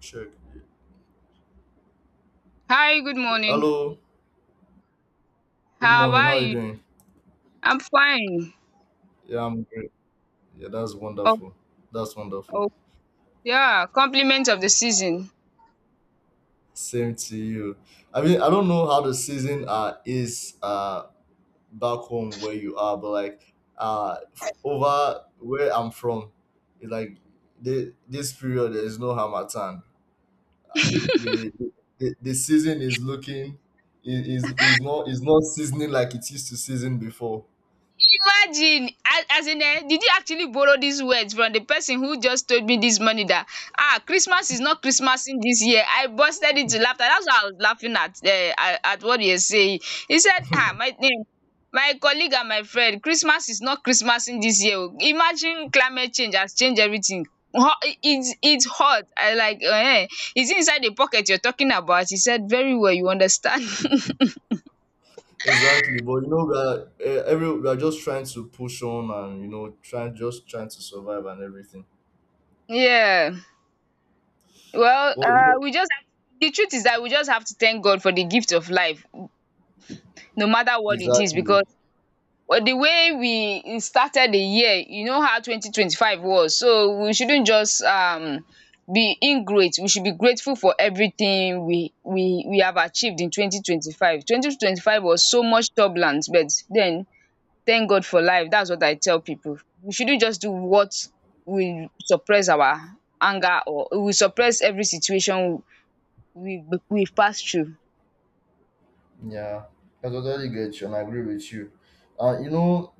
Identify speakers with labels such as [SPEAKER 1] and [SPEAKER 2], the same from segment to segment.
[SPEAKER 1] Check.
[SPEAKER 2] Hi, good morning.
[SPEAKER 1] Hello. Good
[SPEAKER 2] How
[SPEAKER 1] morning. How
[SPEAKER 2] are
[SPEAKER 1] are you
[SPEAKER 2] you?
[SPEAKER 1] doing?
[SPEAKER 2] I'm fine.
[SPEAKER 1] Yeah, I'm great. Yeah, that's
[SPEAKER 2] Oh,
[SPEAKER 1] wonderful. That's wonderful.
[SPEAKER 2] oh, yeah, compliments of the season.
[SPEAKER 1] Same to you. I mean, I don't know how the season is back home where you are, but like over where I'm from, it's like this period there is no Hamatan. Uh, the, the the the season is looking is not seasoning like it used to season before.
[SPEAKER 2] Imagine, as in did you actually borrow these words from the person who just told me this money? That ah, Christmas is not Christmasing this year. I busted into laughter. That's why I was laughing at what you were saying. He said ah, my name, my colleague and my friend, Christmas is not Christmasing this year o. Imagine climate change has changed everything. Hot, it's hot. I like eh. Is inside the pocket you're talking about? He said very well, you understand.
[SPEAKER 1] Exactly, but you know we are eh, every we are just trying to push on and you know trying just trying to survive and everything.
[SPEAKER 2] Yeah. Well,
[SPEAKER 1] Well, you know,
[SPEAKER 2] we just have, the truth is that we just have to thank God for the gift of life, no matter what it is,
[SPEAKER 1] exactly.
[SPEAKER 2] because, well, the way we started the year, you know how 2025 was. So we shouldn't just be ingrate. We should be grateful for everything we have achieved in 2025. 2025 was so much turbulence, but then, thank God for life. That's what I tell people. We shouldn't just do what will suppress our anger, or we suppress every situation we we pass through.
[SPEAKER 1] Yeah, I totally get you and I agree with you. And you know,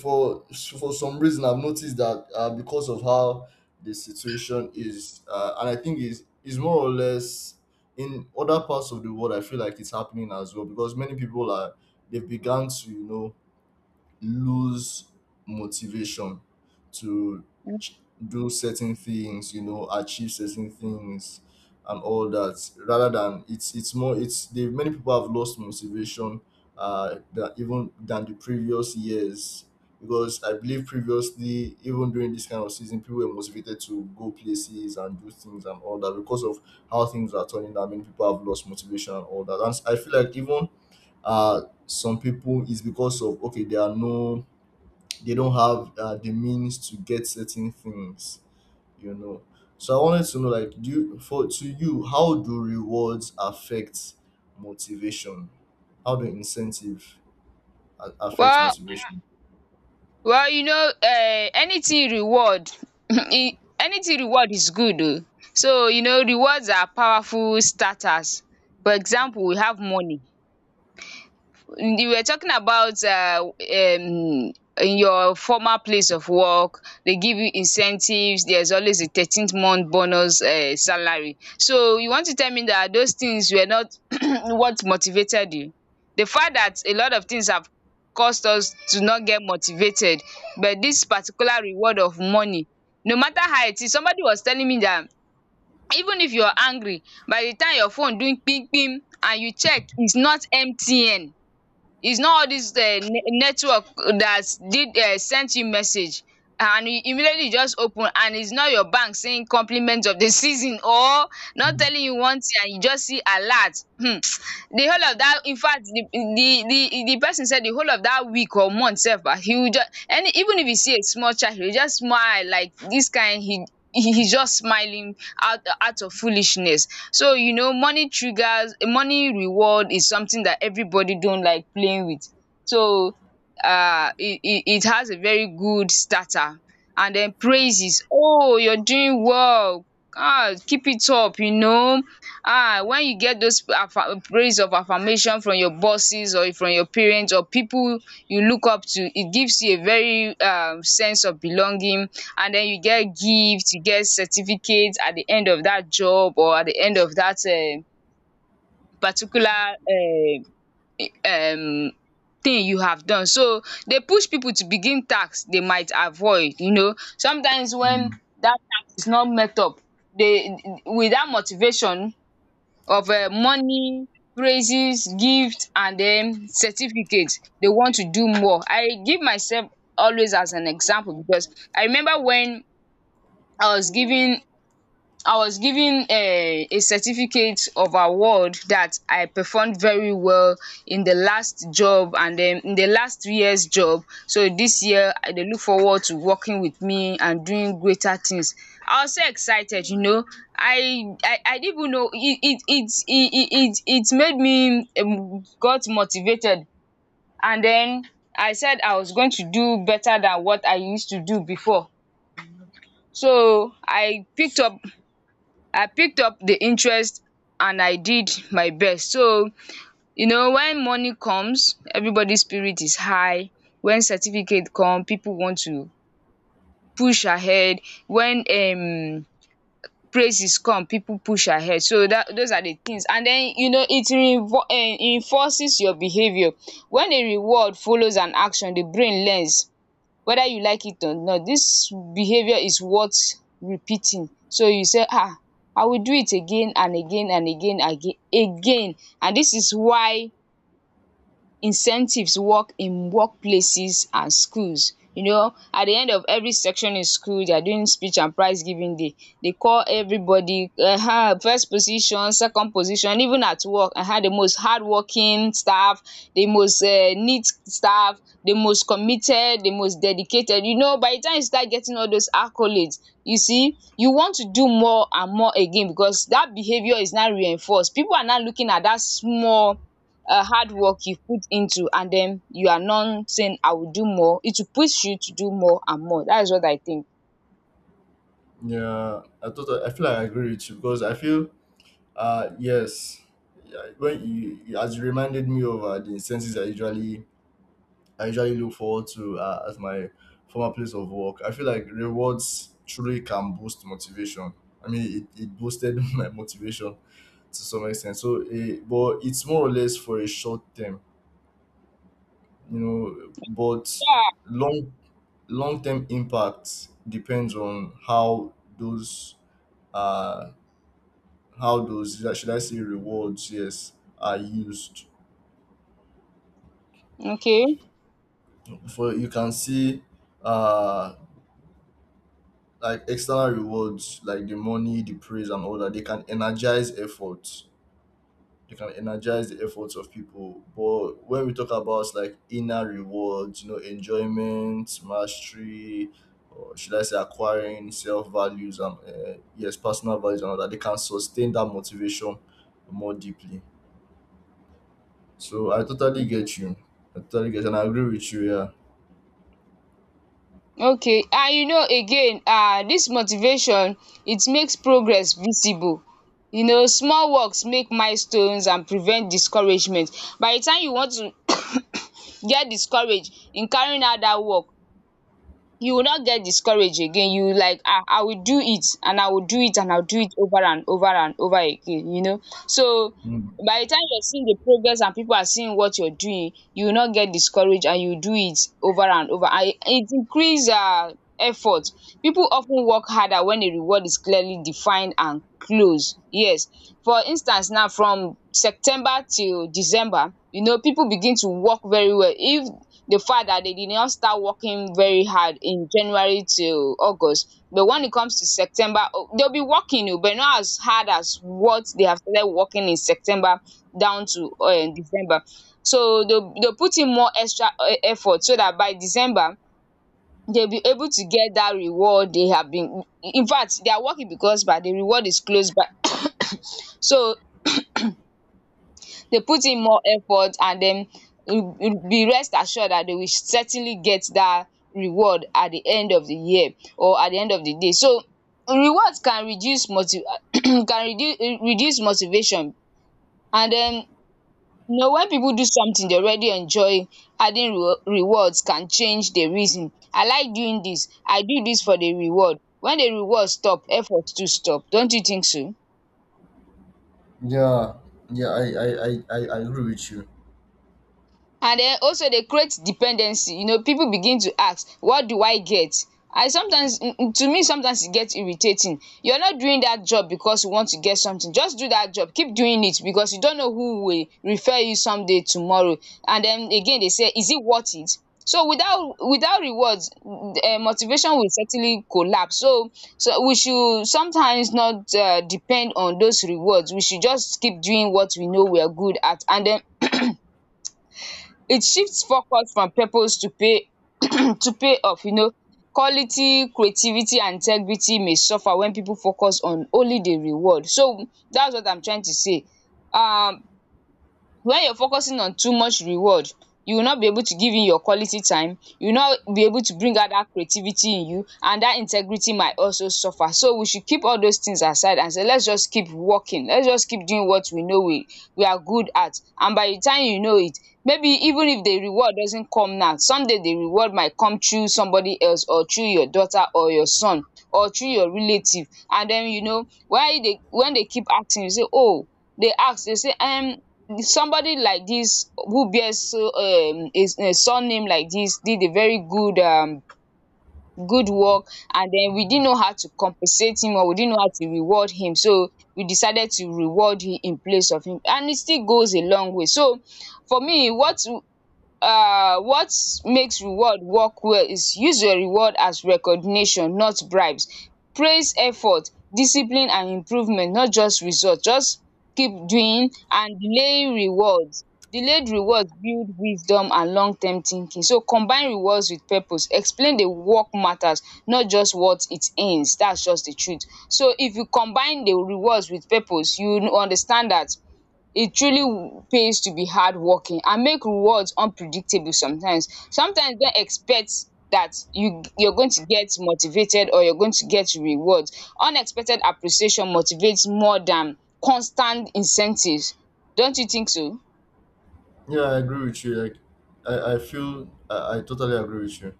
[SPEAKER 1] for for some reason I've noticed that because of how the situation is, and I think is more or less in other parts of the world. I feel like it's happening as well, because many people are, they've begun to, you know, lose motivation to ch- do certain things, you know, achieve certain things and all that. Rather than it's more it's the many people have lost motivation, that even than the previous years. Because I believe previously, even during this kind of season, people were motivated to go places and do things and all that. Because of how things are turning out, many people have lost motivation and all that. And I feel like even some people is because of, okay, they are no, they don't have the means to get certain things, you know. So I wanted to know, like, for to you, how do rewards affect motivation? How do incentive affect
[SPEAKER 2] Well,
[SPEAKER 1] motivation?
[SPEAKER 2] well, you know, anything reward, anything reward is good, oh. So you know, rewards are powerful starters. For example, we have money. You were talking about in your former place of work, they give you incentives. There's always a 13th month bonus salary. So you want to tell me that those things were not what motivated you? The fact that a lot of things have caused us to not get motivated, but this particular reward of money, no matter how it is. Somebody was telling me that even if you're angry, by the time your phone doing ping ping and you check, it's not mtn. It's not all this network that did sent you message, and you immediately just open, and it's not your bank saying compliment of the season, or not
[SPEAKER 1] Mm,
[SPEAKER 2] telling you one thing, and you just see alert. Hmm. The whole of that, in fact, the person said, the whole of that week or month self, ah, he will just, and even if you see a small child, he will just smile like this kind. He, he's just smiling out of foolishness. So you know, money triggers, money reward is something that everybody don't like playing with. So um, it has a very good starter, and then praises, "Oh, you're doing well, um, keep it up," you know. Um, when you get those praise of affirmation from your bosses or from your parents or people you look up to, it gives you a very sense of belonging. And then you get gift, you get certificates at the end of that job or at the end of that particular um thing you have done. So they push people to begin tax they might avoid, you know. Sometimes when
[SPEAKER 1] mm.
[SPEAKER 2] that tax is not met up, they, with that motivation of money, praises, gift and then certificate, they want to do more. I give myself always as an example because I remember when I was giving. I was given a certificate of award that I performed very well in the last job and then in the last 3 years job. So this year I dey look forward to working with me and doing greater things. I was so excited, you know. I didn't even know it made me got motivated, and then I said I was going to do better than what I used to do before. So I picked up, I picked up the interest, and I did my best. So, you know, when money comes, everybody's spirit is high. When certificate come, people want to push ahead. When praises come, people push ahead. So that those are the things. And then, you know, it reinvo enforces your behavior. When a reward follows an action, the brain learns whether you like it or not, this behavior is worth repeating. So you say ah, I will do it again and again and again. And this is why incentives work in workplaces and schools. You know, at the end of every section in school, they are doing speech and prize giving day. They call everybody first position, second position, even at work, um, the most hardworking staff, the most neat staff, the most committed, the most dedicated. You know, by the time you start getting all those accolades, you see, you want to do more and more again, because that behaviour is now reinforced. People are now looking at that small hard work you put into, and then you are not saying I will do more, it will push you to do more and more. That is what I think.
[SPEAKER 1] Yeah, I agree with you, because I feel uh yes, yeah, you as you reminded me of the incentives I usually look forward to as my former place of work. I feel like rewards truly can boost motivation. I mean, it boosted my motivation to some extent. So, eh, but it's more or less for a short term, you know. But
[SPEAKER 2] Yeah.
[SPEAKER 1] long, long term impact depends on uh how those, should I say, rewards, yes, are used.
[SPEAKER 2] Okay.
[SPEAKER 1] For you can see, uh, like external rewards like the money, the praise and all that, they can energize efforts, they can energize the efforts of people. But when we talk about like inner rewards, you know, enjoyment, mastery, or should I say acquiring self values and, yes, personal values and all that, they can sustain that motivation more deeply. So I totally get you. I totally get and I agree with you. Yeah.
[SPEAKER 2] Okay. And you know again, um, dis motivation, it makes progress visible. You know, small works make milestones and prevent discouragement. By the time you want to get discourage in carrying out dat work, you will not get discourage again. You will like, ah, I will do it and I will do it and I will do it over and over and over again, you know. So
[SPEAKER 1] Mm.
[SPEAKER 2] by the time you are seeing the progress and people are seeing what you are doing, you will not get discourage and you will do it over and over, and it increase effort. People of ten work harder when a reward is clearly defined and close, yes. For instance, now from September till December, you know, people begin to work very well, if the fact that they did not start working very hard in January till August. But when it comes to September, oh, they'll be working oh, but not as hard as what they have started working in September down to December. So they'll put in more extra effort so that by December, they'll be able to get that reward they have been, in fact they are working, because by the reward is close by. So they put in more effort and dem be rest assured that they will certainly get that reward at the end of the year or at the end of the day. So rewards can reduce motiv can reduce, reduce motivation. And then, you know, when people do something dey already enjoy, adding rewards can change the reason. I like doing this. I do this for the reward. When the reward stop, effort too stop. Don't you think so?
[SPEAKER 1] yeah yeah i i i I agree with you.
[SPEAKER 2] And then also, they create dependency. You know, people begin to ask, what do I get? I sometimes, to me, sometimes it gets irritating. You're not doing that job because you want to get something. Just do that job, keep doing it, because you don't know who will refer you someday tomorrow. And then again, they say, is it worth it? So without rewards, um, motivation will certainly collapse. So, so we should sometimes not depend on those rewards. We should just keep doing what we know we are good at. And then it shifts focus from purpose to pay to pay off, you know. Quality, creativity and integrity may suffer when people focus on only the reward. So that's what I'm trying to say. Um, when you're focusing on too much reward, you will not be able to give in your quality time, you will not be able to bring out that creativity in you, and that integrity might also suffer. So we should keep all those things aside and say, let's just keep working, let's just keep doing what we know we are good at. And by the time you know it, maybe even if the reward doesn't come now, someday the reward might come through somebody else, or through your daughter or your son, or through your relative. And then, you know, why they, when they keep asking, you say, oh, they ask, they say, um, somebody like this who bears so a surname like this did a very good good work, and then we didn't know how to compensate him, or we didn't know how to reward him, so we decided to reward him in place of him, and it still goes a long way. So for me, what, um what makes reward work well is, use your reward as recognition, not bribes. Praise effort, discipline and improvement, not just result. Just keep doing, and delay rewards. Delayed rewards build wisdom and long term thinking. So combine rewards with purpose, explain the work matters, not just what it earns. That's just the truth. So if you combine the rewards with purpose, you understand that it truly pays to be hardworking and make rewards unpredictable sometimes. Sometimes don't expect that you're going to get motivated or you're going to get rewards. Unexpected appreciation motivates more than constant incentives. Don't you think so?
[SPEAKER 1] Yeah, I agree with you. Like, I totally agree with you.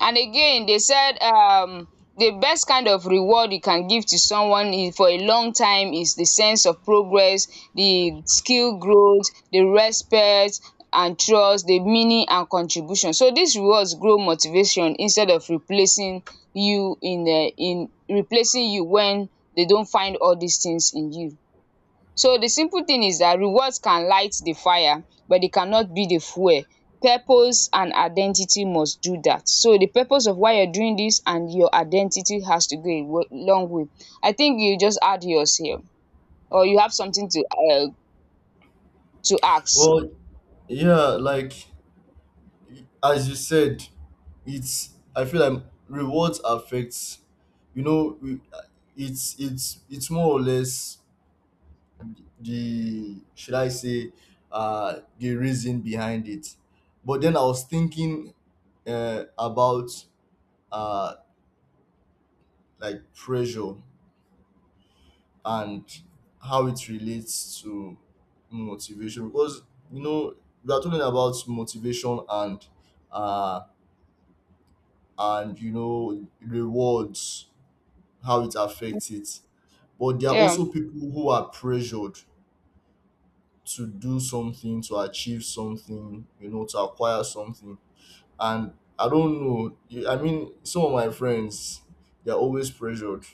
[SPEAKER 2] And again they said, the best kind of reward you can give to someone is, for a long time, is the sense of progress, the skill growth, the respect and trust, the meaning and contribution. So these rewards grow motivation instead of replacing you in replacing you when they don't find all these things in you. So the simple thing is that rewards can light the fire but they cannot be the fuel. Purpose and identity must do that. So the purpose of why you're doing this and your identity has to go a long way. I think you just add yours here or you have something um to ask?
[SPEAKER 1] Well, yeah, like as you said, it's, I feel like rewards affects. You know, it's more or less the should I say, the reason behind it. But then I was thinking, about uh like pressure and how it relates to motivation, because you know we are talking about motivation and, uh, and you know rewards, how it affects it. But there are
[SPEAKER 2] Yeah.
[SPEAKER 1] also people who are pressured to do something, to achieve something, you know, to acquire something. And I don't know, I mean, some of my friends, they're always pressured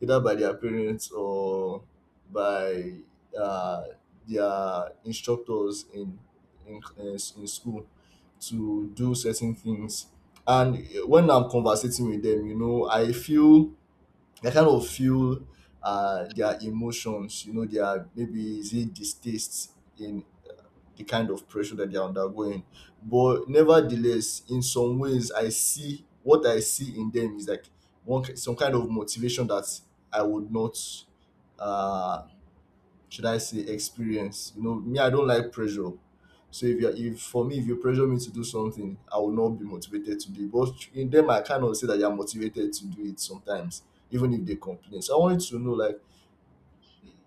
[SPEAKER 1] either by their parents or by, uh, their instructors in in school to do certain things. And when I'm conversating with them, you know, I feel I kind of feel, their emotions. You know, their maybe, is it distaste in the kind of pressure that they're undergoing. But nevertheless, in some ways, I see what I see in them is like one some kind of motivation that I would not, uh, should I say, experience. You know, me, I don't like pressure. So if for me, if you pressure me to do something, I will not be motivated to do it. But in them, I cannot say that they are motivated to do it sometimes, even if they complain. So I wanted to know, like,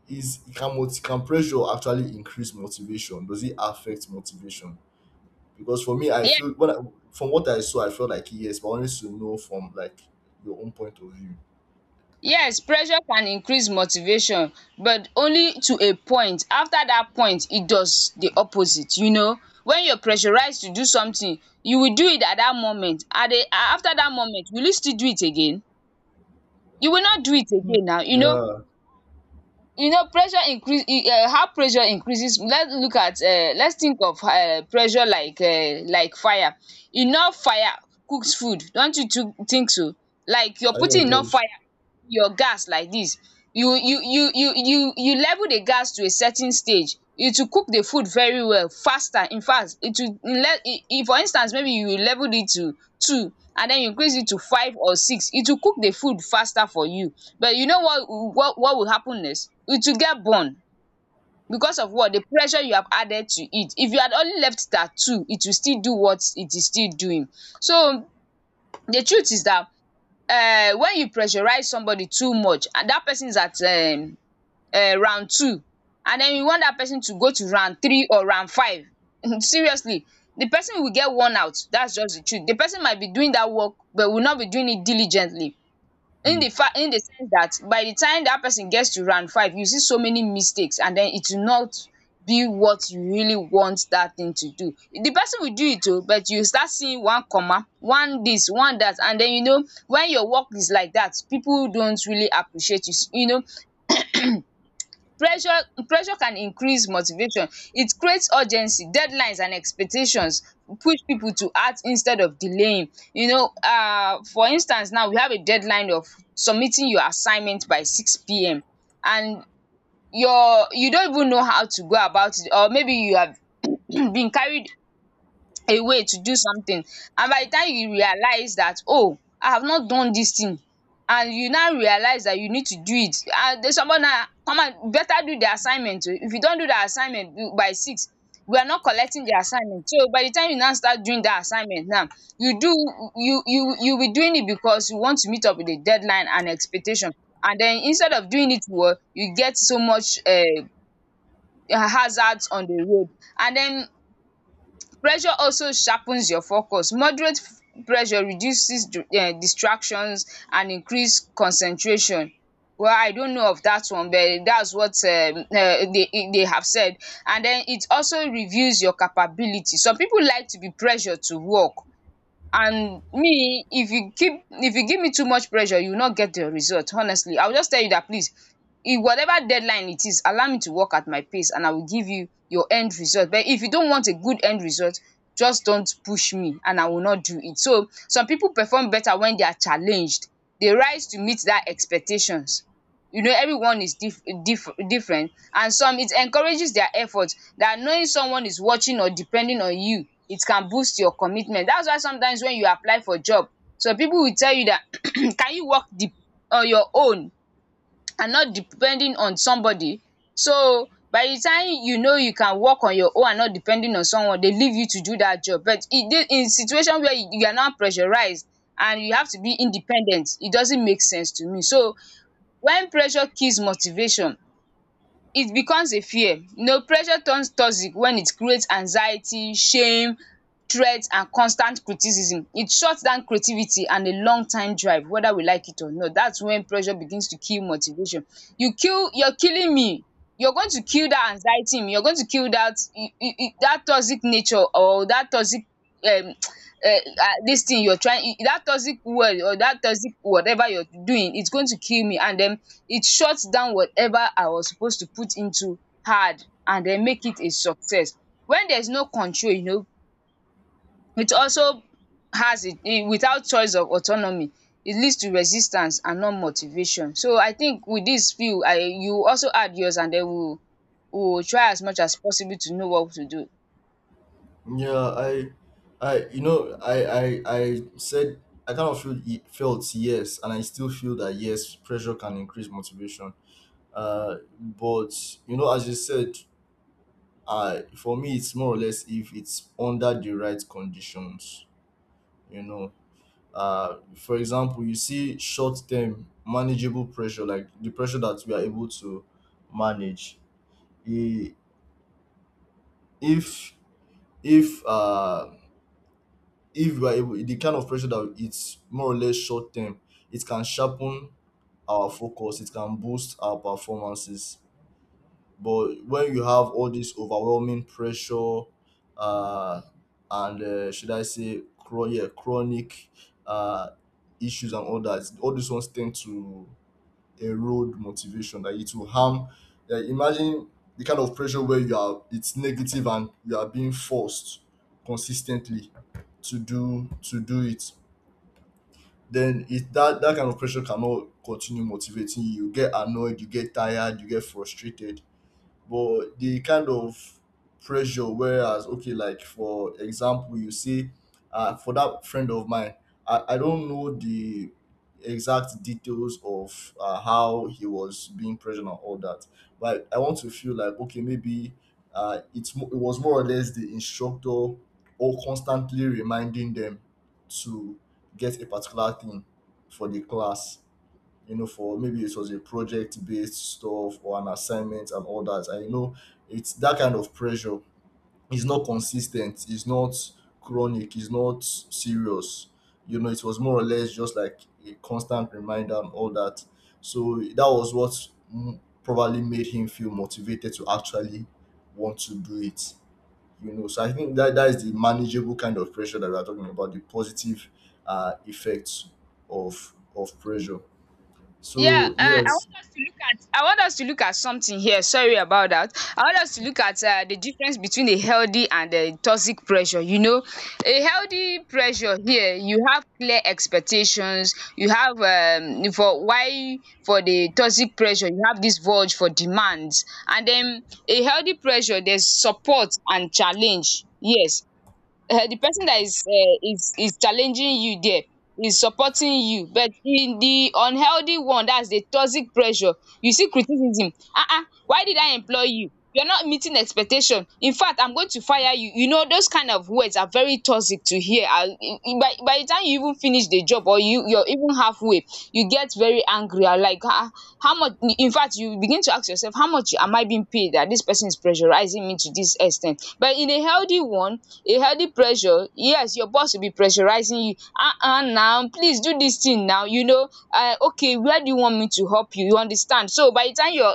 [SPEAKER 1] is, can can pressure actually increase motivation? Does it affect motivation? Because for me, I feel from what I saw, I felt like yes, but I wanted to know from like your own point of view.
[SPEAKER 2] Yes, pressure can increase motivation but only to a point. After that point it does the opposite. When you're pressurized to do something you will do it at that moment, at a after that moment will you still do it again? You will not do it
[SPEAKER 1] Mm.
[SPEAKER 2] again now.
[SPEAKER 1] Yeah,
[SPEAKER 2] You know, pressure increase, how pressure increases. Let's look at, let's think of, pressure like fire. Enough fire cooks food, don't you too think so? Like you're
[SPEAKER 1] I know
[SPEAKER 2] putting enough
[SPEAKER 1] those.
[SPEAKER 2] fire your gas like dis, you level the gas to a certain stage, it will cook the food very well faster, infact it will let, if for instance maybe you level it to two and den you increase it to five or six, it will cook the food faster for you. But you know what will happen next, it will get burn because of what, the pressure you have added to it. If you had only left it at two it will still do what it is still doing. So the truth is dat, when you pressurize somebody too much and that person is at, round two, and then you want that person to go to round three or round five, seriously, the person will get worn out. That's just the truth. The person might be doing that work but will not be doing it diligently, in
[SPEAKER 1] Hmm.
[SPEAKER 2] the fact, in the sense that by the time that person gets to round five you see so many mistakes, and then it will not be what you really want that thing to do. The person will do it o, but you start seeing one comma one this one that, and then you know, when your work is like that people don't really appreciate you you know Pressure pressure can increase motivation. It creates urgency, deadlines and expectations push people to act instead of delaying. You know, for instance, now we have a deadline of submitting your assignment by six p.m., and your, you don't even know how to go about it, or maybe you have been carried a way to do something, and by the time you realize that, oh, I have not done this thing, and you now realize that you need to do it, and some more, now come out better do the assignment oo, if you don do the assignment by six we are not collecting the assignment. So by the time you now start doing that assignment now, you do you you you will be doing it because you want to meet up with the deadline and expectation. And then instead of doing it well you get so much hazards on the road. And then pressure also sharpens your focus. Moderate pressure reduces distractions and increase concentration. Well, I don't know of that one, but that's what they have said. And then it also reveals your capability. Some pipu like to be pressured to work. And me, if you give me too much pressure, you will not get the result. Honestly, I will just tell you that please, if whatever deadline it is, allow me to work at my pace and I will give you your end result. But if you don't want a good end result, just don't push me and I will not do it. So some people perform better when they are challenged. They rise to meet that expectations. You know, everyone is different, and some, it encourages their effort, that knowing someone is watching or depending on you, it can boost your commitment. That's why sometimes when you apply for job some people will tell you that, can you work the on your own and not depending on somebody. So by the time you know you can work on your own and not depending on someone they leave you to do that job. But in this, in situation where you are now pressurized and you have to be independent, it doesn't make sense to me. So when pressure kills motivation, it becomes a fear. You know, pressure turns toxic when it creates anxiety, shame, threat and constant criticism. It shuts down creativity and a long time drive, whether we like it or not. That's when pressure begins to kill motivation. You're killing me. You're going to kill that anxiety in me. You're going to kill that, that toxic nature, or that toxic um um dis thing you're trying, that toxic word or that toxic whatever you're doing is going to kill me, and den it shuts down whatever I was suppose to put into hard and den make it a success. When there is no control, you know, it also has a, without choice of autonomy, it leads to resistance and not motivation. So I think with dis few, I, you also add yours and den we will try as much as possible to know what to do.
[SPEAKER 1] Yeah, you know, I said I kind of feel, felt yes, and I still feel that yes, pressure can increase motivation. But you know, as you said, I for me, it's more or less if it's under the right conditions. You know, for example, you see short term manageable pressure, like the pressure that we are able to manage. I- If if uh, if we are able, the kind of pressure that it's more or less short term, it can sharpen our focus, it can boost our performances. But when you have all this overwhelming pressure, uh, and should I say, yeah, chronic uh, issues and all that, all these ones tend to erode motivation, that it will harm. Like imagine the kind of pressure where you are, it's negative and you are being forced consistently to do it. Then it that that kind of pressure cannot continue motivating you. You get annoyed, you get tired, you get frustrated. But the kind of pressure whereas, okay, like for example, you see, for that friend of mine, I don't know the exact details of, how he was being pressured and all that. But I want to feel like okay, maybe, it's it was more or less the instructor or constantly reminding them to get a particular thing for the class, you know. For maybe it was a project based stuff or an assignment and all that. And you know, it's that kind of pressure is not consistent, is not chronic, is not serious. You know, it was more or less just like a constant reminder and all that. So that was what, mm, probably made him feel motivated to actually want to do it. You know, so I think that that is the manageable kind of pressure that we are talking about, the positive, effects of pressure.
[SPEAKER 2] Yeah,
[SPEAKER 1] So yes,
[SPEAKER 2] I want us to look at something here. Sorry about that. I want us to look at, the difference between a healthy and a toxic pressure. You know, a healthy pressure here, you have clear expectations. You have, for why, for the toxic pressure, you have this void for demands, and then a healthy pressure, there's support and challenge. Yes, the person that is is challenging you there is supporting you, but in the unhealthy one, that's the toxic pressure, you see criticism, why did I employ you, you're not meeting expectation, infact I'm going to fire you. You know, those kind of words are very toxic to hear, and by the time when you even finish the job, or you're even halfway, you get very angry and like, ah, how much, in fact, you begin to ask yourself, how much am I being paid that this person is pressurizing me to this extent. But in a healthy one, a healthy pressure, yes, your boss will be pressurizing you, ah, now please do this thing now, you know, okay, where do you want me to help you, you understand. So by the time you're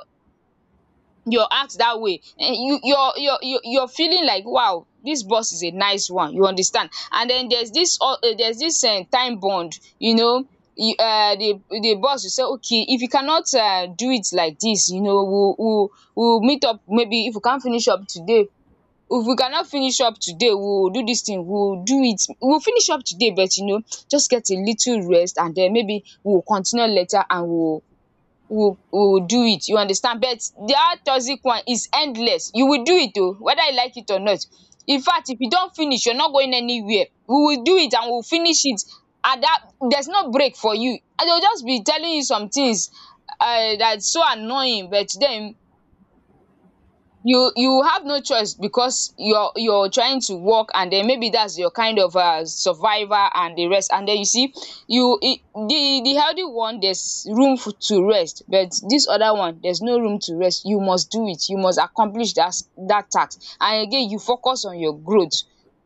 [SPEAKER 2] your act that way, you, your feeling like, wow, this boss is a nice one, you understand. And then there's this, there's this, time bond, you know. You, the boss will say, okay, if you cannot do it like this, you know, we, we'll meet up maybe, if we can't finish up today, if we cannot finish up today we will do this thing, we will do it, we will finish up today. But you know, just get a little rest and then maybe we will continue later, and we, will, will do it, you understand. But that toxic one is endless. You will do it oh, whether you like it or not. In fact, if you don't finish you're not going anywhere, we will do it and we will finish it. And that, there's no break for you, and they will just be telling you some things, that's so annoying. But then you have no choice, because you're trying to work, and then maybe that's your kind of survivor and the rest. And then you see, you, it, the healthy one, there's room for, to rest, but this other one there's no room to rest, you must do it, you must accomplish that that task. And again you focus on your growth,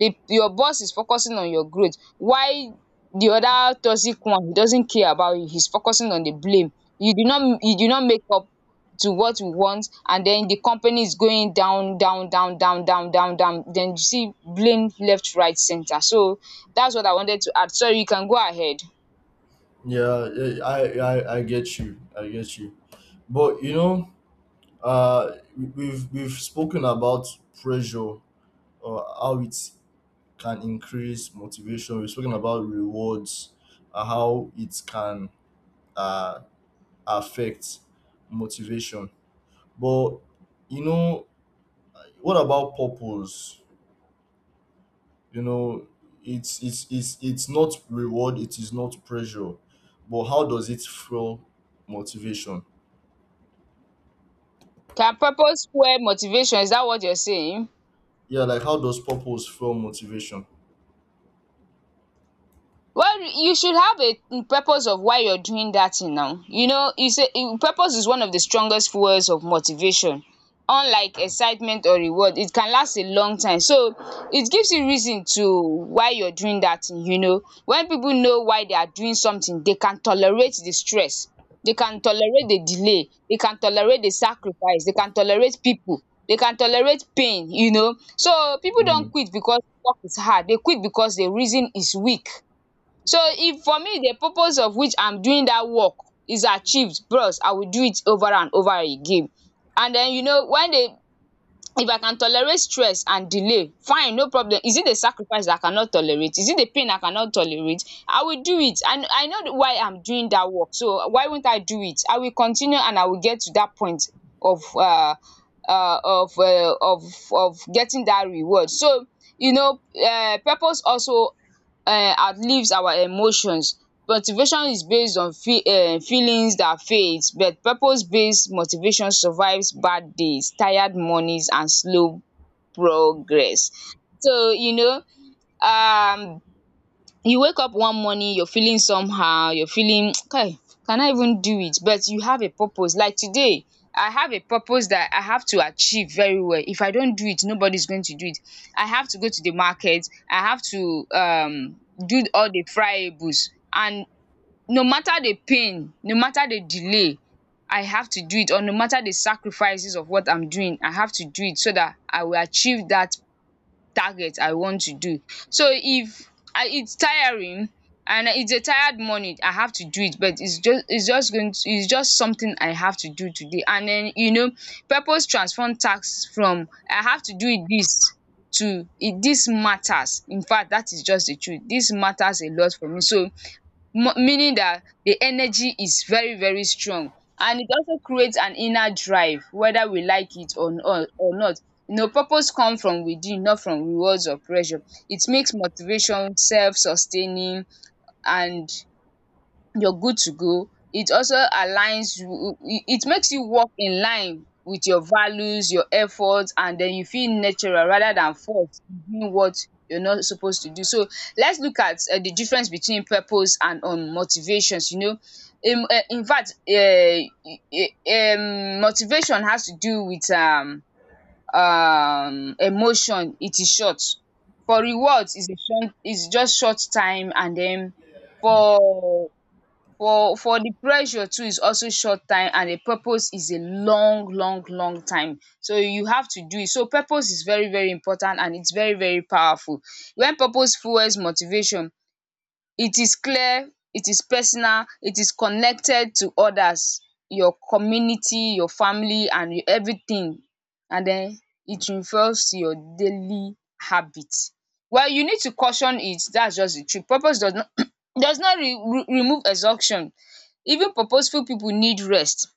[SPEAKER 2] your boss is focusing on your growth. Why? The other toxic one, he doesn't care about you, he's focusing on the blame. You do not make up to what we want, and then the company is going down, down, down, down, down, down, down. Then you see blame left, right, center. So that's what I wanted to add. Sorry, you can go ahead.
[SPEAKER 1] yeah, yeah, I get you, I get you. But you know, uh, we've spoken about pressure or how it can increase motivation. We've spoken about rewards, how it can uh affect motivation. But you know, what about purpose? You know, it's not reward. It is not pressure. But how does it fuel motivation?
[SPEAKER 2] Can purpose fuel motivation? Is that what you're saying?
[SPEAKER 1] Yeah, like how does purpose fuel motivation?
[SPEAKER 2] Well, you should have a purpose of why you're doing that thing now. You know, you say purpose is one of the strongest fuels of motivation. Unlike excitement or reward, it can last a long time. So it gives you reason to why you're doing that thing, you know. When people know why they are doing something, they can tolerate the stress, they can tolerate the delay, they can tolerate the sacrifice, they can tolerate people, they can tolerate pain, you know. So people don't
[SPEAKER 1] Mm.
[SPEAKER 2] quit because work is hard, they quit because the reason is weak. So if for me the purpose of which I'm doing that work is achieved, bros, I will do it over and over again. And then you know when they, if I can tolerate stress and delay, fine, no problem. Is it a sacrifice I cannot tolerate? Is it a pain I cannot tolerate? I will do it, and I know why I'm doing that work. So why won't I do it? I will continue, and I will get to that point of um um of um of of getting that reward. So you know, purpose also outlives our emotions. Motivation is based on feelings that fades, but purpose based motivation survives bad days, tired mornings and slow progress. So you know, um you wake up one morning, you're feeling somehow, you're feeling kai, can I even do it? But you have a purpose. Like, today I have a purpose that I have to achieve very well. If I don't do it, nobody's going to do it. I have to go to the market, I have to do all the friables, and no matter the pain, no matter the delay, I have to do it. Or no matter the sacrifices of what I'm doing, I have to do it so that I will achieve that target I want to do. So if I, it's tiring and it's a tired morning, I have to do it. But it's just, it's just going to, it's just something I have to do today. And then you know, purpose transform tasks from I have to do it this, to it this matters. In fact, that is just the truth. This matters a lot for me. So mo meaning that the energy is very very strong, and it also creates an inner drive whether we like it or not. You know, purpose come from within, not from rewards or pressure. It makes motivation self sustaining, and you're good to go. It also aligns you, it makes you work in line with your values, your efforts, and then you feel natural rather than forced doing what you're not supposed to do. So let's look at the difference between purpose and motivations, you know. In fact, motivation has to do with emotion, it is short. For rewards is a short, is just short time, and then for the pressure too is also short time. And the purpose is a long long long time, so you have to do it. So purpose is very very important, and it's very very powerful. When purpose fuels motivation, it is clear, it is personal, it is connected to others, your community, your family and everything. And then it involves your daily habit. Well, you need to caution it. That's just the truth. Purpose does not does not remove exhaustion. Even purposeful people need rest.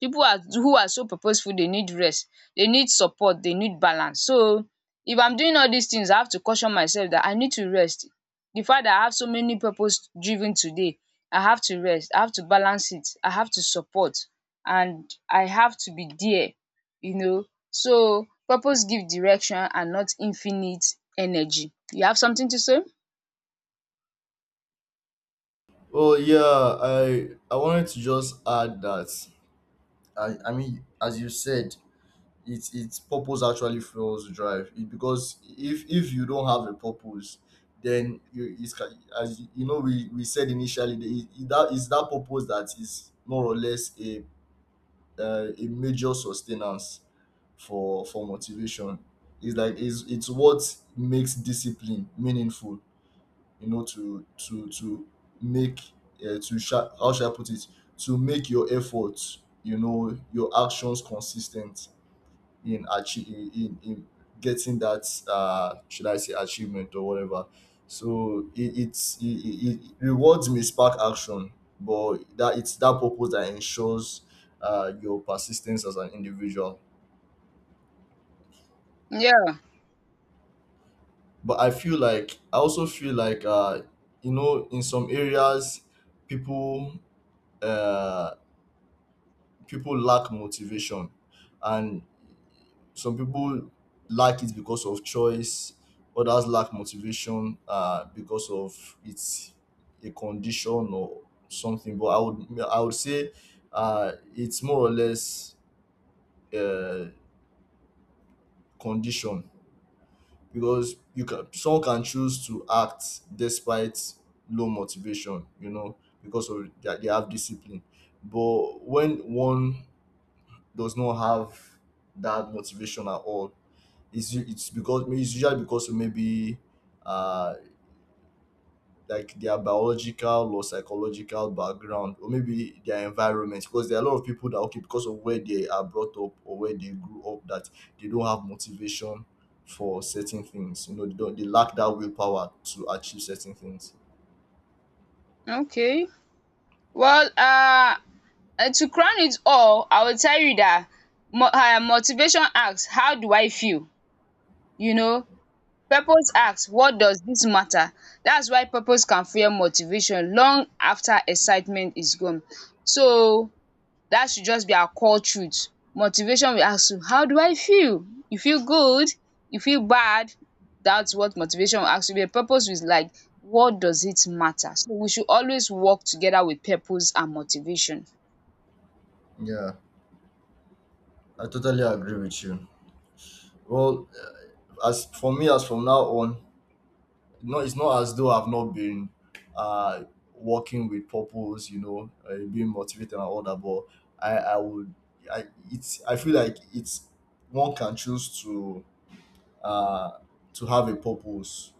[SPEAKER 2] People are who are so purposeful, they need rest, they need support, they need balance. So if I'm doing all these things, I have to caution myself that I need to rest. The fact that I have so many purpose driven today, I have to rest, I have to balance it, I have to support, and I have to be there, you know. So purpose give direction and not infinite energy. You have something to say?
[SPEAKER 1] Oh yeah, I wanted to just add that I mean, as you said, it's purpose actually fuels drive it, because if you don't have a purpose, then you, it's, as you, you know, we said initially, that that is that purpose that is more or less a, a major sustenance for motivation. It's like it's what makes discipline meaningful. You know, to make, how shall I put it, to make your efforts, you know, your actions consistent in achieving, in getting that, uh, should I say, achievement or whatever. So it, it's it, it, it rewards may spark action, but that it's that purpose that ensures, uh, your persistence as an individual.
[SPEAKER 2] Yeah,
[SPEAKER 1] But I feel like I also feel like, you know, in some areas, people uh people lack motivation. And some people lack it because of choice. Others lack motivation, because of, it's a condition or something. But I would, I would say, it's more or less, uh, condition. Because you can, someone can choose to act despite low motivation, you know, because of that they have discipline. But when one does not have that motivation at all, it's because it's usually because of maybe, uh like their biological or psychological background or maybe their environment. Because there are a lot of people that okay, because of where they are brought up or where they grew up, that they don't have motivation for certain things, you know. They don't, they lack that willpower to achieve certain things.
[SPEAKER 2] okay. Well, And to crown it all, I will tell you that motivation asks, how do I feel, you know, purpose asks, what does this matter. That's why purpose can fuel motivation long after excitement is gone. So that should just be our core truth. Motivation will ask you, how do I feel? You feel good? You feel bad? That's what motivation will ask you. But purpose is like, what does it matter? So we should always work together with purpose and motivation.
[SPEAKER 1] Yeah, I totally agree with you. Well, as for me, as from now on, no, it's not as though I've not been, uh working with purpose, you know, being motivated and all that. But I, I would, I, it's, I feel like it's, one can choose to, uh to have a purpose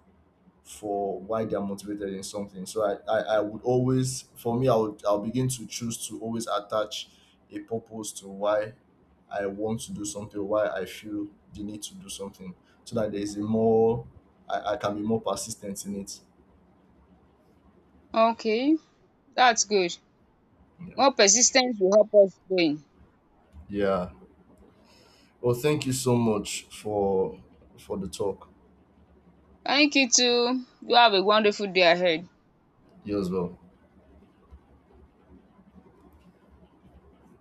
[SPEAKER 1] for why they are motivated in something. So, I would always, for me, I'll begin to choose to always attach a purpose to why I want to do something, why I feel the need to do something, so that there is a more, I can be more persistent in it.
[SPEAKER 2] Okay. That's good. More persis ten ce will help us win.
[SPEAKER 1] Yeah. Well, thank you so much for the talk.
[SPEAKER 2] Thank you too. Do have a wonderful day ahead.
[SPEAKER 1] You as well.